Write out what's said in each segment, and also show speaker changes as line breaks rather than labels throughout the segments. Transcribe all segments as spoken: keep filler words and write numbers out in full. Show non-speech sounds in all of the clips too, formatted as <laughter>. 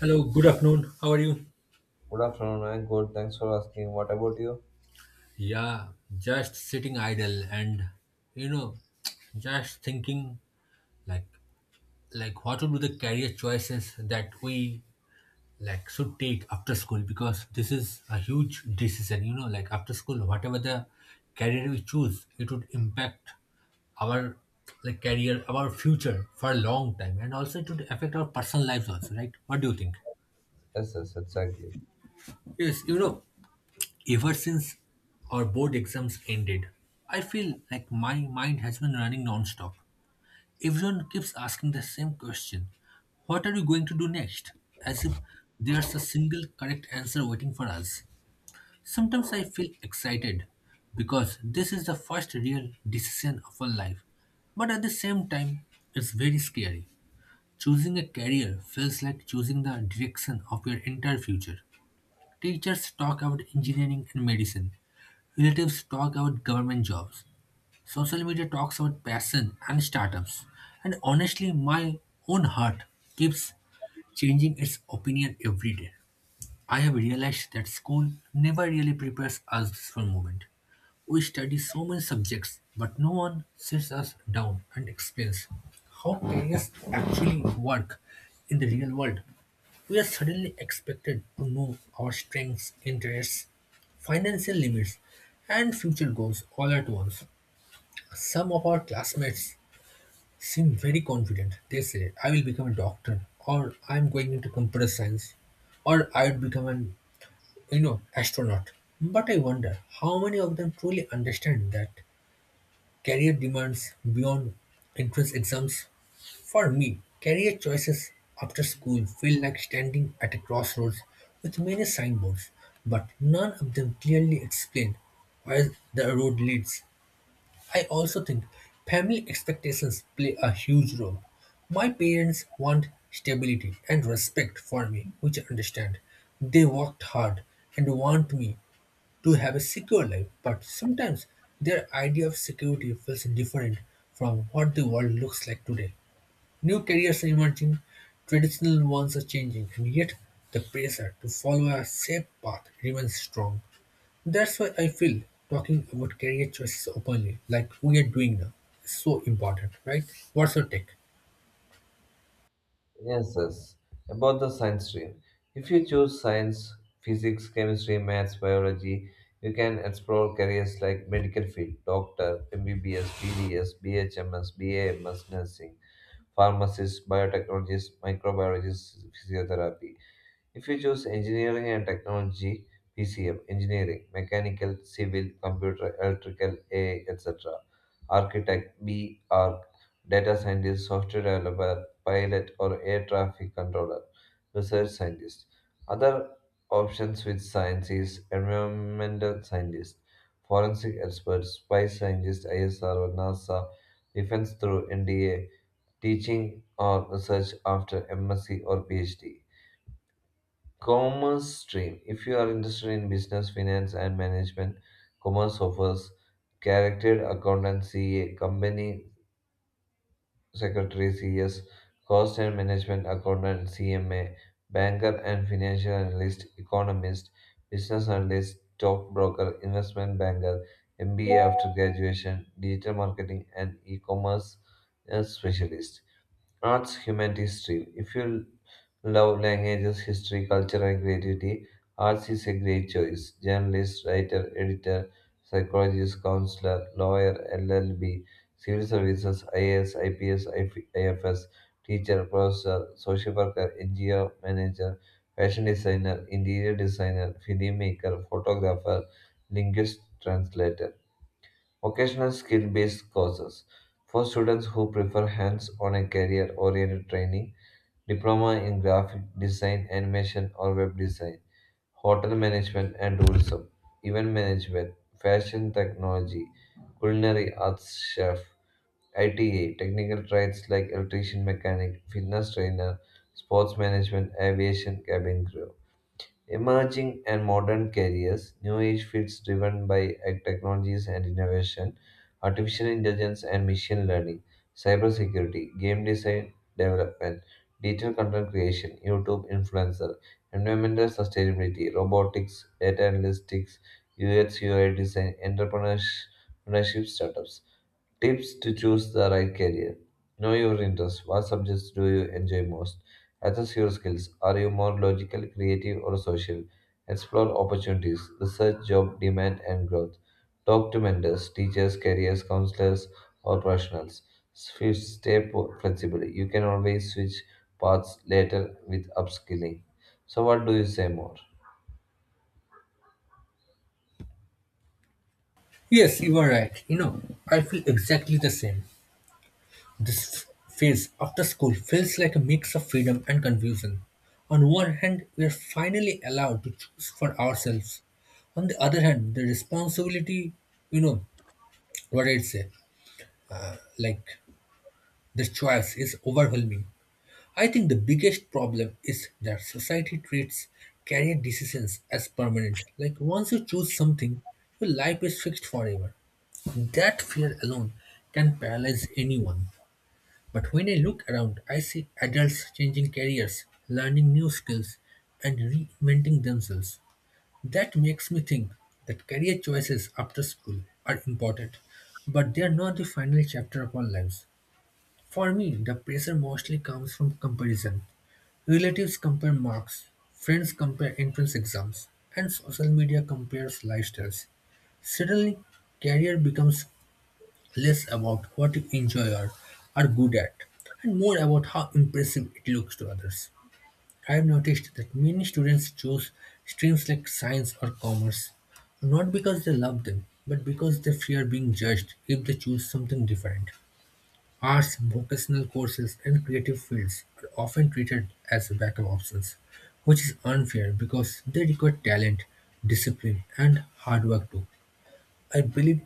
Hello, good afternoon. How are you?
Good afternoon, I'm good. Thanks for asking. What about you?
Yeah, just sitting idle and you know, <tsk> just thinking like like what would be the career choices that we like should take after school because this is a huge decision, you know, like after school, whatever the career we choose, it would impact our like career, our future for a long time and also it would affect our personal lives also, right? What do you think?
Yes, yes, exactly.
Yes, you know, ever since our board exams ended, I feel like my mind has been running nonstop. Everyone keeps asking the same question: what are you going to do next? As if there's a single correct answer waiting for us. Sometimes I feel excited because this is the first real decision of our life. But at the same time, it's very scary. Choosing a career feels like choosing the direction of your entire future. Teachers talk about engineering and medicine, relatives talk about government jobs. Social media talks about passion and startups. And honestly, my own heart keeps changing its opinion every day. I have realized that school never really prepares us for movement. We study so many subjects, but no one sits us down and explains how careers actually work in the real world. We are suddenly expected to know our strengths, interests, financial limits, and future goals all at once. Some of our classmates seem very confident. They say, I will become a doctor, or I'm going into computer science, or I would become an you know astronaut. But I wonder how many of them truly understand that career demands beyond entrance exams. For me, career choices after school feel like standing at a crossroads with many signboards, but none of them clearly explain where the road leads. I also think family expectations play a huge role. My parents want stability and respect for me, which I understand. They worked hard and want me to have a secure life, but sometimes their idea of security feels different from what the world looks like today. New careers are emerging, traditional ones are changing, and yet the pressure to follow a safe path remains strong. That's why I feel talking about career choices openly, like we are doing now, is so important, right? What's your take?
Yes, yes. About the science stream. If you choose science, physics, chemistry, maths, biology, you can explore careers like medical field, doctor, M B B S, B D S, B H M S, B A M S, nursing, pharmacist, biotechnologist, microbiologist, physiotherapy. If you choose engineering and technology, P C M, engineering, mechanical, civil, computer, electrical, A, et cetera, architect, B, arc, data scientist, software developer, pilot, or air traffic controller, research scientist. Other options with science is environmental scientist, forensic expert, spy scientist, I S R, NASA, defense through N D A, teaching or research after M S c or P H D. Commerce stream. If you are interested in business, finance, and management, commerce offers chartered accountancy, C A, company secretary, C S, cost and management accountant, C M A, banker and financial analyst, economist, business analyst, stockbroker, investment banker, M B A after graduation, digital marketing, and e commerce specialist. Arts humanities stream. If you love languages, history, culture, and creativity, arts is a great choice. Journalist, writer, editor, psychologist, counselor, lawyer, L L B, civil services, I A S, I P S, I F S, teacher, professor, social worker, N G O manager, fashion designer, interior designer, filmmaker, photographer, linguist, translator. Occasional skill based courses. For students who prefer hands on a career oriented training, diploma in graphic design, animation, or web design, hotel management and tourism, event management, fashion technology, culinary arts chef, I T A, technical trades like electrician, mechanic, fitness trainer, sports management, aviation, cabin crew. Emerging and modern careers, new age fields driven by ag technologies and innovation, artificial intelligence and machine learning, cybersecurity, game design development, digital content creation, YouTube influencer, environmental sustainability, robotics, data analytics, U X U I design, entrepreneurship startups. Tips to choose the right career. Know your interests. What subjects do you enjoy most? Assess your skills. Are you more logical, creative, or social? Explore opportunities. Research job demand and growth. Talk to mentors, teachers, careers counselors, or professionals. Fifth, stay po- flexible. You can always switch paths later with upskilling. So, what do you say more?
Yes, you are right. You know, I feel exactly the same. This phase after school feels like a mix of freedom and confusion. On one hand, we are finally allowed to choose for ourselves. On the other hand, the responsibility, you know, what I'd say, like the choice is overwhelming. I think the biggest problem is that society treats career decisions as permanent. Like once you choose something, your life is fixed forever. That fear alone can paralyze anyone. But when I look around, I see adults changing careers, learning new skills, and reinventing themselves. That makes me think that career choices after school are important, but they are not the final chapter of our lives. For me, the pressure mostly comes from comparison. Relatives compare marks, friends compare entrance exams, and social media compares lifestyles. Suddenly, career becomes less about what you enjoy or are good at, and more about how impressive it looks to others. I have noticed that many students choose streams like science or commerce, not because they love them, but because they fear being judged if they choose something different. Arts, vocational courses, and creative fields are often treated as backup options, which is unfair because they require talent, discipline, and hard work too. I believe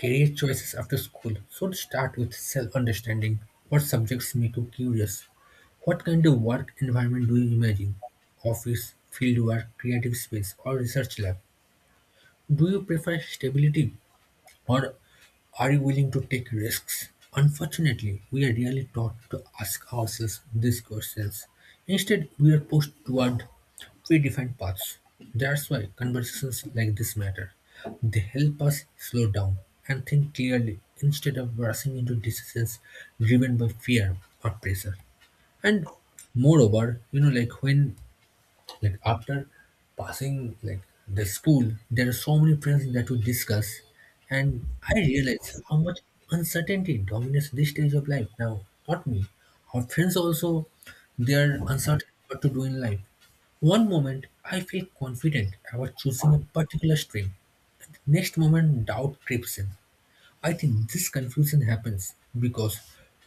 career choices after school should start with self understanding. What subjects make you curious? What kind of work environment do you imagine? Office, field work, creative space, or research lab? Do you prefer stability or are you willing to take risks? Unfortunately, we are rarely taught to ask ourselves these questions. Instead, we are pushed toward predefined paths. That's why conversations like this matter. They help us slow down and think clearly instead of rushing into decisions driven by fear or pressure. And moreover, you know, like when like after passing like the school, there are so many friends that we discuss, and I realize how much uncertainty dominates this stage of life now. Not me. Our friends also, they are uncertain what to do in life. One moment I feel confident about choosing a particular stream. Next moment doubt creeps in. I think this confusion happens because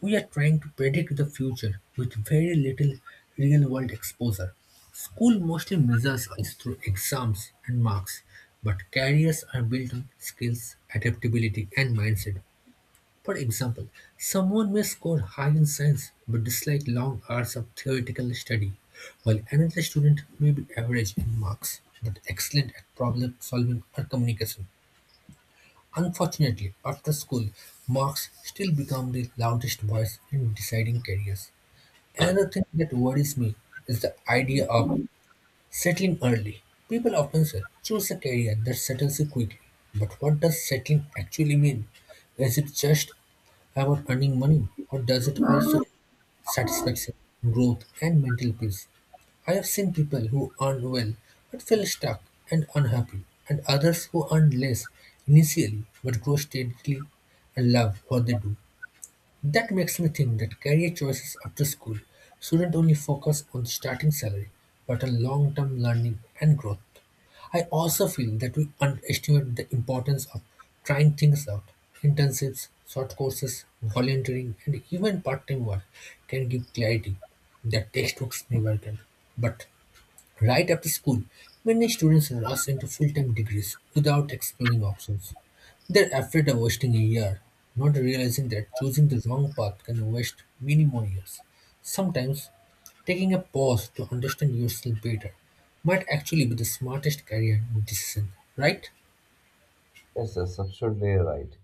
we are trying to predict the future with very little real world exposure. School mostly measures us through exams and marks, but careers are built on skills, adaptability, and mindset. For example, someone may score high in science but dislike long hours of theoretical study, while another student may be average in marks but excellent at problem solving or communication. Unfortunately, after school, marks still become the loudest voice in deciding careers. Another thing that worries me is the idea of settling early. People often say, choose a career that settles you quickly. But what does settling actually mean? Is it just about earning money, or does it also satisfaction, growth, and mental peace? I have seen people who earned well but feel stuck and unhappy, and others who earned less initially but grow steadily and love what they do. That makes me think that career choices after school shouldn't only focus on starting salary but on long term learning and growth. I also feel that we underestimate the importance of trying things out. Internships, short courses, volunteering, and even part time work can give clarity that textbooks never can. But right after school, many students rush into full-time degrees without exploring options. They're afraid of wasting a year, not realizing that choosing the wrong path can waste many more years. Sometimes, taking a pause to understand yourself better might actually be the smartest career decision, right?
Yes, that's absolutely right.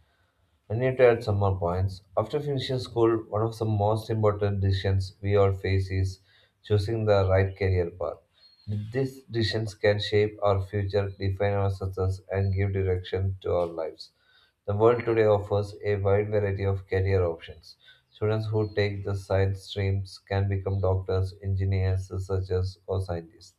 I need to add some more points. After finishing school, one of the most important decisions we all face is choosing the right career path. These decisions can shape our future, define our success, and give direction to our lives. The world today offers a wide variety of career options. Students who take the science streams can become doctors, engineers, researchers, or scientists.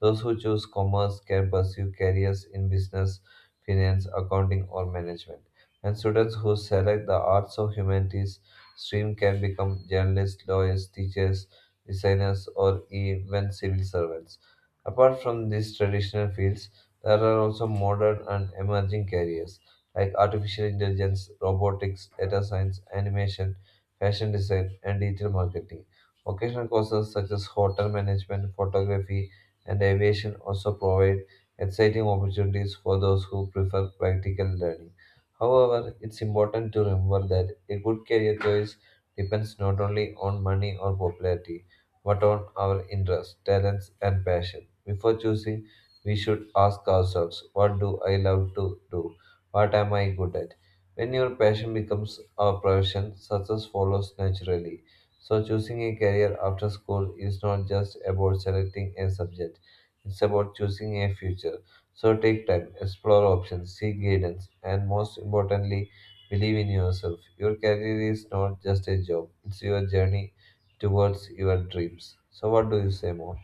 Those who choose commerce can pursue careers in business, finance, accounting, or management. And students who select the arts or humanities stream can become journalists, lawyers, teachers, designers, or even civil servants. Apart from these traditional fields, there are also modern and emerging careers like artificial intelligence, robotics, data science, animation, fashion design, and digital marketing. Vocational courses such as hotel management, photography, and aviation also provide exciting opportunities for those who prefer practical learning. However, it's important to remember that a good career choice depends not only on money or popularity, but on our interests, talents, and passion. Before choosing, we should ask ourselves, what do I love to do? What am I good at? When your passion becomes a profession, success follows naturally. So, choosing a career after school is not just about selecting a subject, it's about choosing a future. So take time, explore options, seek guidance, and most importantly, believe in yourself. Your career is not just a job, it's your journey towards your dreams. So, what do you say more?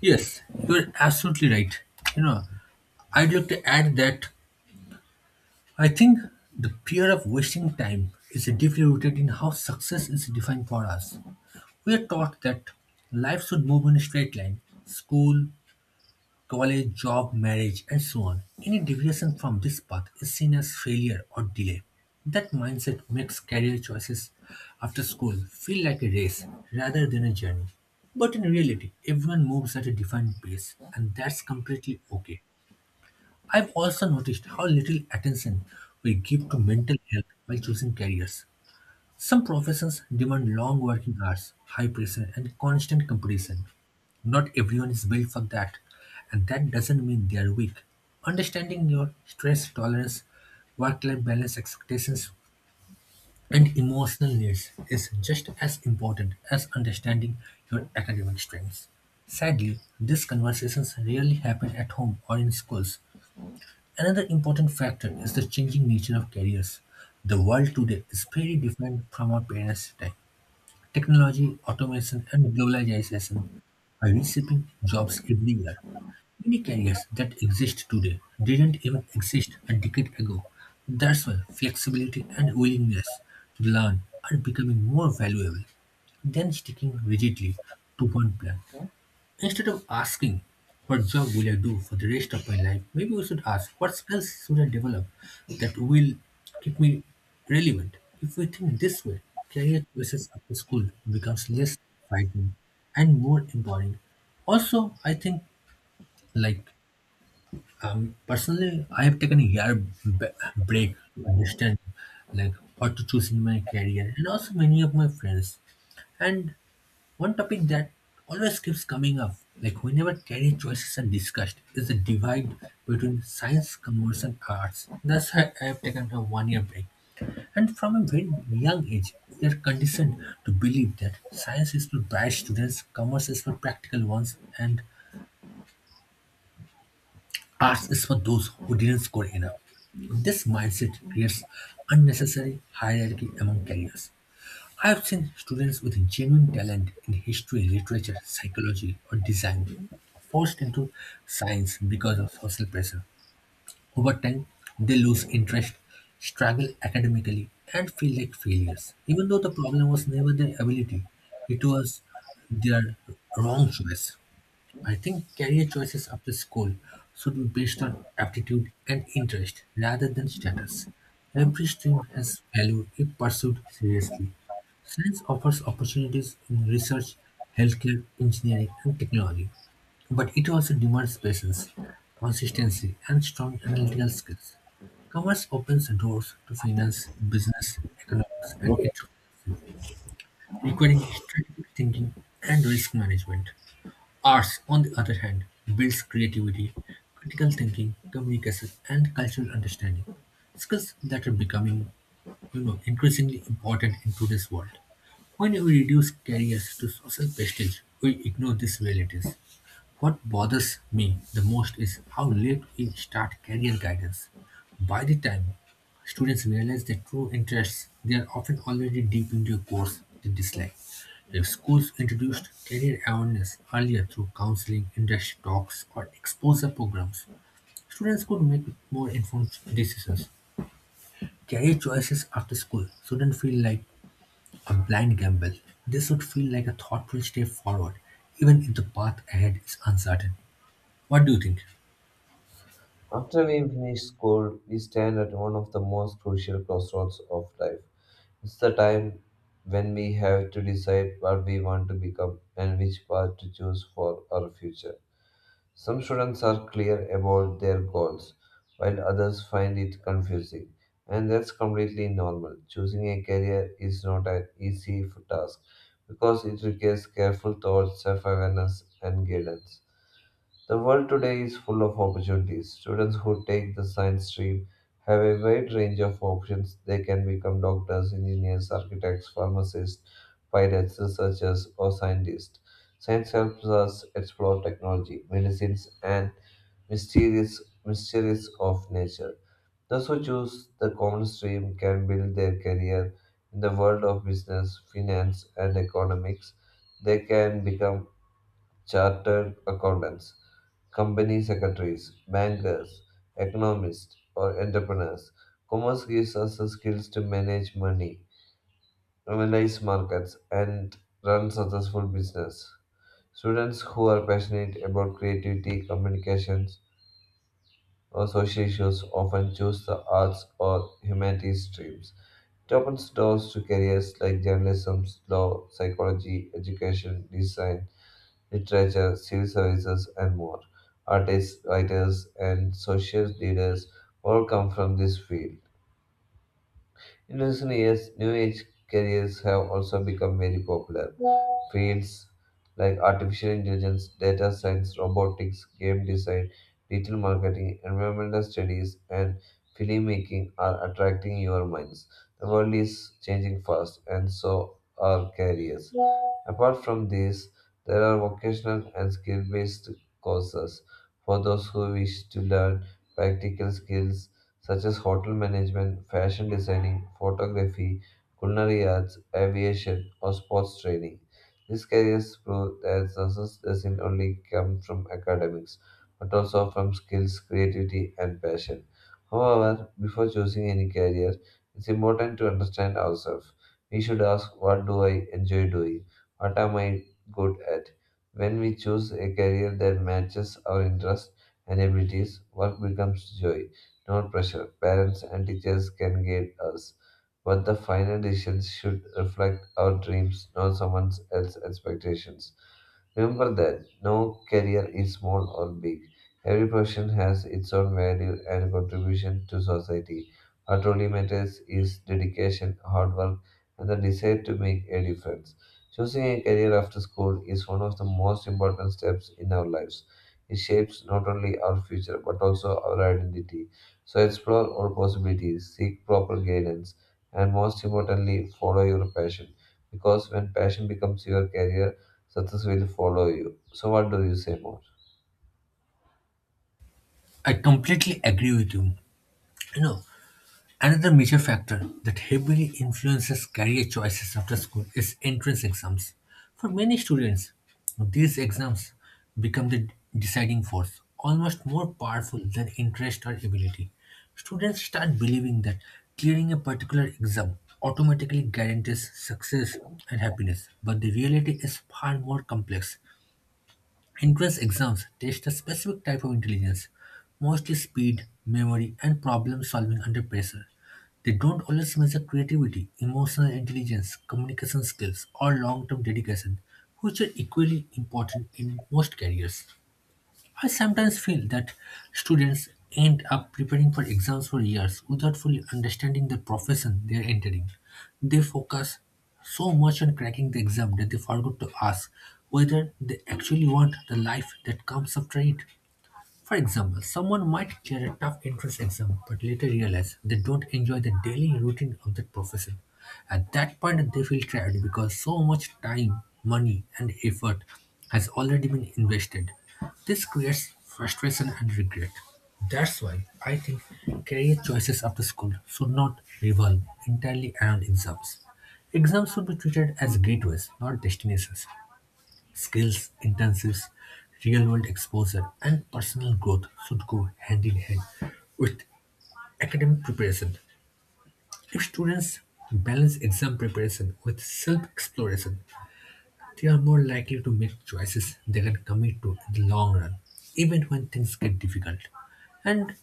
Yes, you're absolutely right. You know, I'd like to add that I think the fear of wasting time is deeply rooted in how success is defined for us. We are taught that life should move in a straight line: school, college, job, marriage, and so on. Any deviation from this path is seen as failure or delay. That mindset makes career choices after school feel like a race rather than a journey. But in reality, everyone moves at a defined pace, and that's completely okay. I've also noticed how little attention we give to mental health while choosing careers. Some professions demand long working hours, high pressure, and constant competition. Not everyone is built for that, and that doesn't mean they are weak. Understanding your stress tolerance, work life balance expectations, and emotional needs is just as important as understanding your academic strengths. Sadly, these conversations rarely happen at home or in schools. Another important factor is the changing nature of careers. The world today is very different from our parents' time. Technology, automation, and globalization are reshaping jobs everywhere. Many careers that exist today didn't even exist a decade ago. That's why flexibility and willingness to learn are becoming more valuable than sticking rigidly to one plan. Instead of asking, what job will I do for the rest of my life, maybe we should ask, what skills should I develop that will keep me relevant? If we think this way, career choices after school becomes less frightening and more empowering. Also, I think, like, um, personally, I have taken a year b- break to understand, like, what to choose in my career, and also many of my friends. And one topic that always keeps coming up, like whenever career choices are discussed, is the divide between science, commerce, and arts. That's why I have taken a one year break. And from a very young age, we are conditioned to believe that science is for bright students, commerce is for practical ones, and arts is for those who didn't score enough. This mindset creates unnecessary hierarchy among careers. I have seen students with genuine talent in history, literature, psychology, or design forced into science because of social pressure. Over time, they lose interest, struggle academically, and feel like failures. Even though the problem was never their ability, it was their wrong choice. I think career choices after school should be based on aptitude and interest rather than status. Every stream has value if pursued seriously. Science offers opportunities in research, healthcare, engineering, and technology, but it also demands patience, consistency, and strong analytical skills. Commerce opens doors to finance, business, economics, and entrepreneurship, requiring strategic thinking and risk management. Arts, on the other hand, builds creativity, critical thinking, communication, and cultural understanding, skills that are becoming, you know, increasingly important in today's world. When we reduce careers to social prestige, we ignore these realities. What bothers me the most is how late we start career guidance. By the time students realize their true interests, they are often already deep into a course they dislike. If schools introduced career awareness earlier through counseling, industry talks, or exposure programs, students could make more informed decisions. Career choices after school shouldn't feel like a blind gamble. They should feel like a thoughtful step forward, even if the path ahead is uncertain. What do you think?
After we finish school, we stand at one of the most crucial crossroads of life. It's the time when we have to decide what we want to become and which path to choose for our future. Some students are clear about their goals, while others find it confusing, and that's completely normal. Choosing a career is not an easy task because it requires careful thought, self awareness, and guidance. The world today is full of opportunities. Students who take the science stream have a wide range of options. They can become doctors, engineers, architects, pharmacists, pilots, researchers, or scientists. Science helps us explore technology, medicines, and mysterious mysteries of nature. Those who choose the common stream can build their career in the world of business, finance, and economics. They can become chartered accountants, company secretaries, bankers, economists, or entrepreneurs. Commerce gives us the skills to manage money, analyze markets, and run successful business. Students who are passionate about creativity, communications, or social issues often choose the arts or humanities streams. It opens doors to careers like journalism, law, psychology, education, design, literature, civil services, and more. Artists, writers, and social leaders all come from this field. In recent years, new age careers have also become very popular. Fields like artificial intelligence, data science, robotics, game design, digital marketing, environmental studies, and filmmaking are attracting your minds. The world is changing fast, and so are careers. Apart from these, there are vocational and skill based courses for those who wish to learn practical skills such as hotel management, fashion designing, photography, culinary arts, aviation, or sports training. These careers prove that success doesn't only come from academics, but also from skills, creativity, and passion. However, before choosing any career, it's important to understand ourselves. We should ask, what do I enjoy doing? What am I good at? When we choose a career that matches our interests and abilities, work becomes joy not pressure. Parents and teachers can guide us, but the final decisions should reflect our dreams, not someone else's expectations. Remember that no career is small or big. Every profession has its own value and contribution to society. What truly matters is dedication, hard work, and the desire to make a difference. Choosing a career after school is one of the most important steps in our lives. It shapes not only our future but also our identity. So explore all possibilities, seek proper guidance, and most importantly, follow your passion. Because when passion becomes your career, success will follow you. So what do you say more?
I completely agree with you. You know, another major factor that heavily influences career choices after school is entrance exams. For many students, these exams become the deciding force, almost more powerful than interest or ability. Students start believing that clearing a particular exam automatically guarantees success and happiness, but the reality is far more complex. Entrance exams test a specific type of intelligence, mostly speed, memory, and problem solving under pressure. They don't always measure creativity, emotional intelligence, communication skills, or long term dedication, which are equally important in most careers. I sometimes feel that students end up preparing for exams for years without fully understanding the profession they are entering. They focus so much on cracking the exam that they forgot to ask whether they actually want the life that comes after it. For example, someone might clear a tough entrance exam but later realize they don't enjoy the daily routine of that profession. At that point, they feel tired because so much time, money, and effort has already been invested. This creates frustration and regret. That's why I think career choices after school should not revolve entirely around exams. Exams should be treated as gateways, not destinations. Skills intensives, real world exposure, and personal growth should go hand in hand with academic preparation. If students balance exam preparation with self exploration, they are more likely to make choices they can commit to in the long run, even when things get difficult. And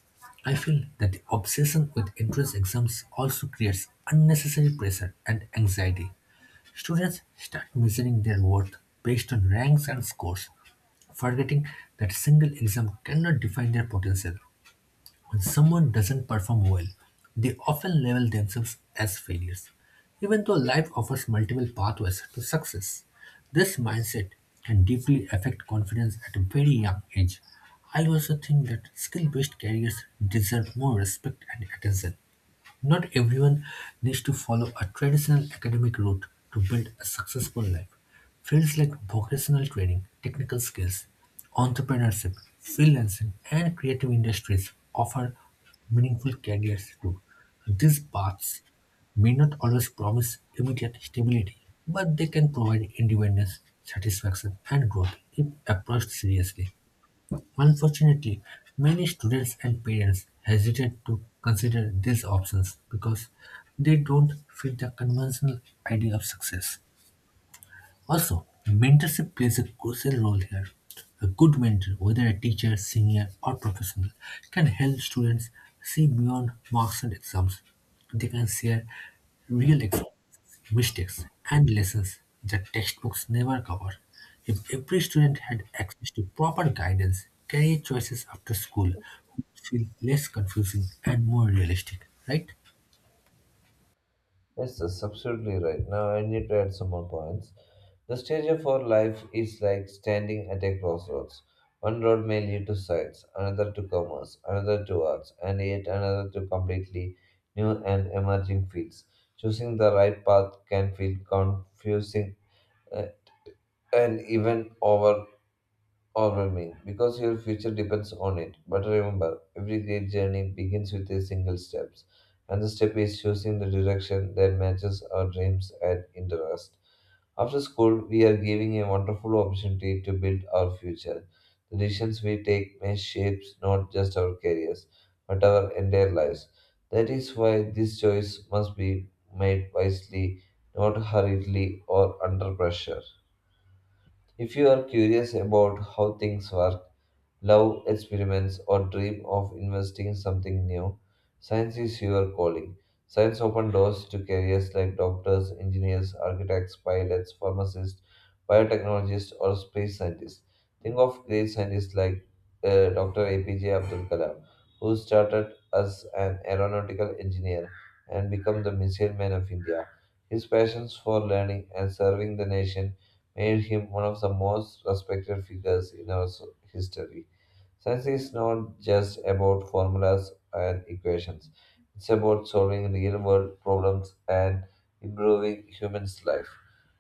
I feel that the obsession with entrance exams also creates unnecessary pressure and anxiety. Students start measuring their worth based on ranks and scores, forgetting that a single exam cannot define their potential. When someone doesn't perform well, they often label themselves as failures, even though life offers multiple pathways to success. This mindset can deeply affect confidence at a very young age. I also think that skill based careers deserve more respect and attention. Not everyone needs to follow a traditional academic route to build a successful life. Fields like vocational training, technical skills, entrepreneurship, freelancing, and creative industries offer meaningful careers too. These paths may not always promise immediate stability, but they can provide independence, satisfaction, and growth if approached seriously. Unfortunately, many students and parents hesitate to consider these options because they don't fit the conventional idea of success. Also, mentorship plays a crucial role here. A good mentor, whether a teacher, senior, or professional, can help students see beyond marks and exams. They can share real experiences, mistakes, and lessons that textbooks never cover. If every student had access to proper guidance, career choices after school would feel less confusing and more realistic, right?
Yes, that's absolutely right. Now I need to add some more points. The stage of our life is like standing at a crossroads. One road may lead to science, another to commerce, another to arts, and yet another to completely new and emerging fields. Choosing the right path can feel confusing uh, and even over overwhelming because your future depends on it. But remember, every great journey begins with a single step, and the step is choosing the direction that matches our dreams and interests. After school, we are giving a wonderful opportunity to build our future. The decisions we take may shape not just our careers, but our entire lives. That is why this choice must be made wisely, not hurriedly or under pressure. If you are curious about how things work, love experiments, or dream of investing in something new, science is your calling. Science opens doors to careers like doctors, engineers, architects, pilots, pharmacists, biotechnologists, or space scientists. Think of great scientists like uh, Doctor A P J Abdul Kalam, who started as an aeronautical engineer and became the missile man of India. His passions for learning and serving the nation made him one of the most respected figures in our so- history. Science is not just about formulas and equations, it's about solving real world problems and improving humans' life.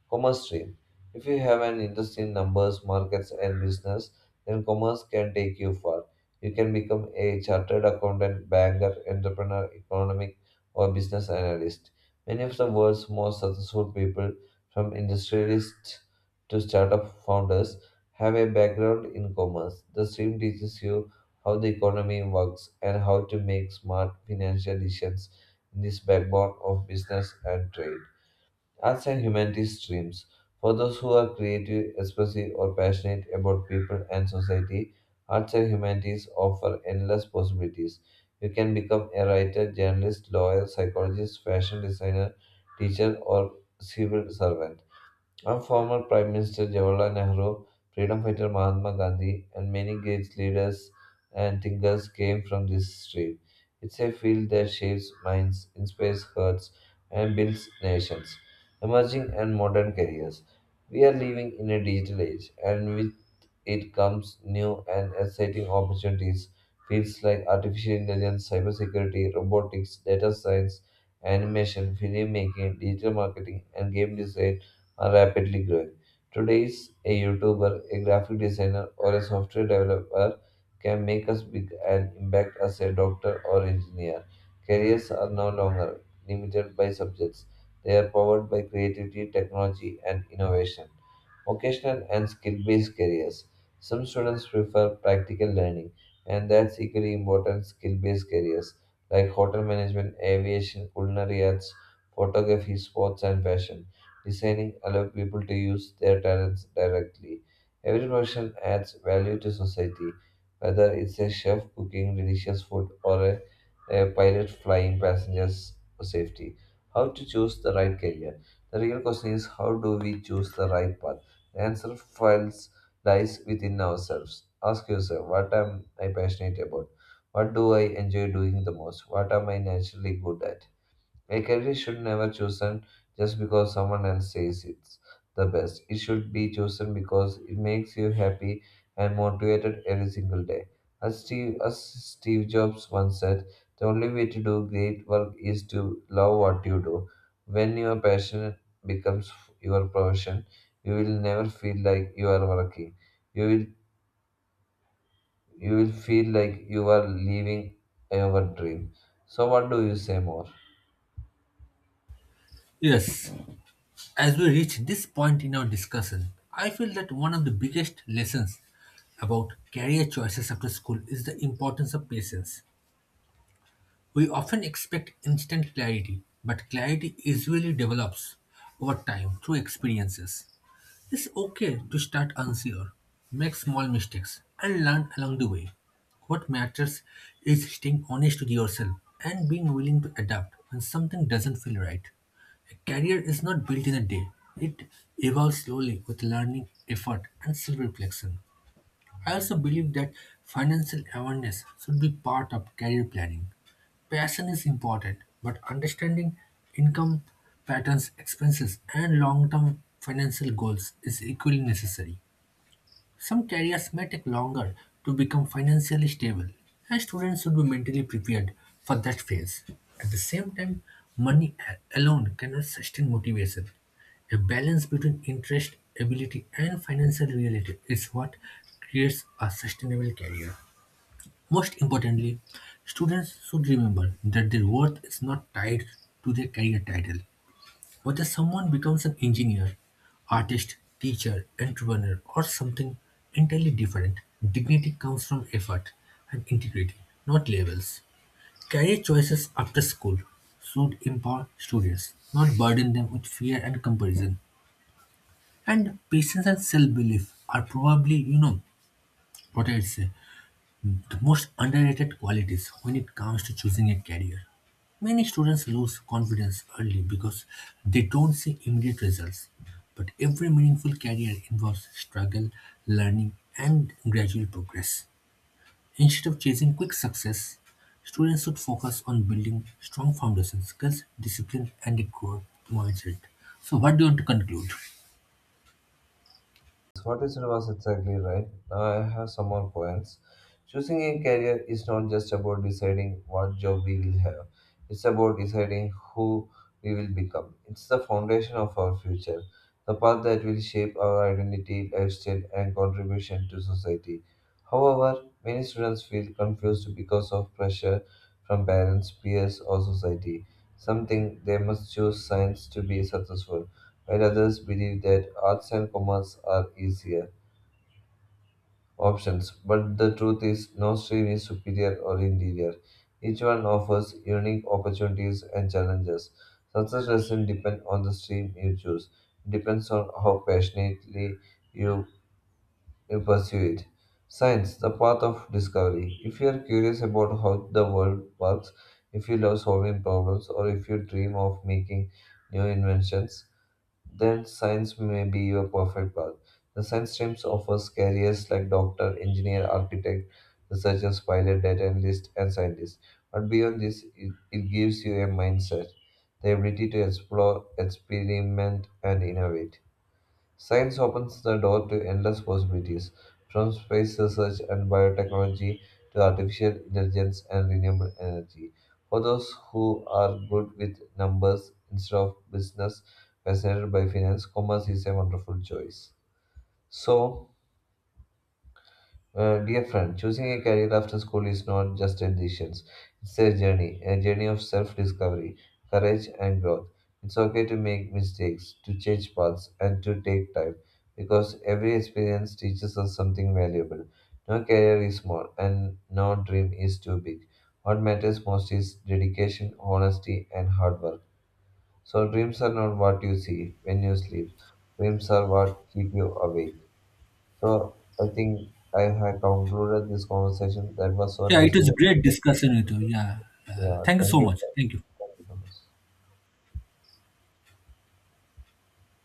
Commerce stream. If you have an interest in numbers, markets, and business, then commerce can take you far. You can become a chartered accountant, banker, entrepreneur, economic, or business analyst. Many of the world's most successful people, from industrialists to startup founders, have a background in commerce. The stream teaches you how the economy works and how to make smart financial decisions in this backbone of business and trade. Arts and humanities streams. For those who are creative, expressive, or passionate about people and society, arts and humanities offer endless possibilities. You can become a writer, journalist, lawyer, psychologist, fashion designer, teacher, or civil servant. Our former Prime Minister Jawaharlal Nehru, freedom fighter Mahatma Gandhi, and many great leaders and thinkers came from this stream. It's a field that shapes minds, inspires hearts, and builds nations. Emerging and modern careers. We are living in a digital age, and with it comes new and exciting opportunities. Fields like artificial intelligence, cybersecurity, robotics, data science, animation, filmmaking, digital marketing, and game design are rapidly growing. Today's a YouTuber, a graphic designer, or a software developer can make us big and impact as a doctor or engineer. Careers are no longer limited by subjects. They are powered by creativity, technology, and innovation. Vocational and skill based careers. Some students prefer practical learning, and that's equally important. Skill based careers like hotel management, aviation, culinary arts, photography, sports, and fashion designing allows people to use their talents directly. Every profession adds value to society, whether it's a chef cooking delicious food or a, a pilot flying passengers for safety. How to choose the right career? The real question is, how do we choose the right path? The answer files lies within ourselves. Ask yourself, what am I passionate about? What do I enjoy doing the most? What am I naturally good at? A career should never chosen just because someone else says it's the best. It should be chosen because it makes you happy and motivated every single day. As Steve, as Steve Jobs once said, the only way to do great work is to love what you do. When your passion becomes your profession, you will never feel like you are working. You will you will feel like you are living your dream. So what do you say more?
Yes. As we reach this point in our discussion, I feel that one of the biggest lessons about career choices after school is the importance of patience. We often expect instant clarity, but clarity usually develops over time through experiences. It's okay to start unsure, make small mistakes, and learn along the way. What matters is staying honest with yourself and being willing to adapt when something doesn't feel right. A career is not built in a day, it evolves slowly with learning, effort, and self reflection. I also believe that financial awareness should be part of career planning. Passion is important, but understanding income patterns, expenses, and long term financial goals is equally necessary. Some careers may take longer to become financially stable, and students should be mentally prepared for that phase. At the same time, money a- alone cannot sustain motivation. A balance between interest, ability, and financial reality is what creates a sustainable career. Most importantly, students should remember that their worth is not tied to their career title. Whether someone becomes an engineer, artist, teacher, entrepreneur, or something entirely different, dignity comes from effort and integrity, not labels. Career choices after school should empower students, not burden them with fear and comparison. And patience and self-belief are probably, you know, what I'd say, the most underrated qualities when it comes to choosing a career. Many students lose confidence early because they don't see immediate results. But every meaningful career involves struggle, learning, and gradual progress. Instead of chasing quick success, students should focus on building strong foundation skills, discipline, and a growth mindset. So, what do you want to conclude?
What you said was exactly right. Now I have some more points. Choosing a career is not just about deciding what job we will have, it's about deciding who we will become. It's the foundation of our future, the path that will shape our identity, lifestyle, and contribution to society. However, many students feel confused because of pressure from parents, peers, or society. Some think they must choose science to be successful while others believe that arts and commerce are easier options. But the truth is, no stream is superior or inferior. Each one offers unique opportunities and challenges. Success doesn't depend on the stream you choose, it depends on how passionately you, you pursue it. Science, the path of discovery. If you are curious about how the world works, if you love solving problems, or if you dream of making new inventions, then science may be your perfect path. The science streams offers careers like doctor, engineer, architect, researchers, pilot, data analyst, and scientist. But beyond this, it, it gives you a mindset, the ability to explore, experiment, and innovate. Science opens the door to endless possibilities, from space research and biotechnology to artificial intelligence and renewable energy. For those who are good with numbers instead of business, fascinated by finance, commerce is a wonderful choice. So, uh, dear friend, choosing a career after school is not just a decision. It's a journey, a journey of self-discovery, courage, and growth. It's okay to make mistakes, to change paths, and to take time, because every experience teaches us something valuable. No career is small, and no dream is too big. What matters most is dedication, honesty, and hard work. So dreams are not what you see when you sleep. Dreams are what keep you awake. So I think I have concluded this conversation. That was so
Yeah,
nice
it
to
was a
have.
great discussion with you. Yeah, uh,
Yeah,
thank you
thank
so
you.
much. Thank you.
Thank you so much.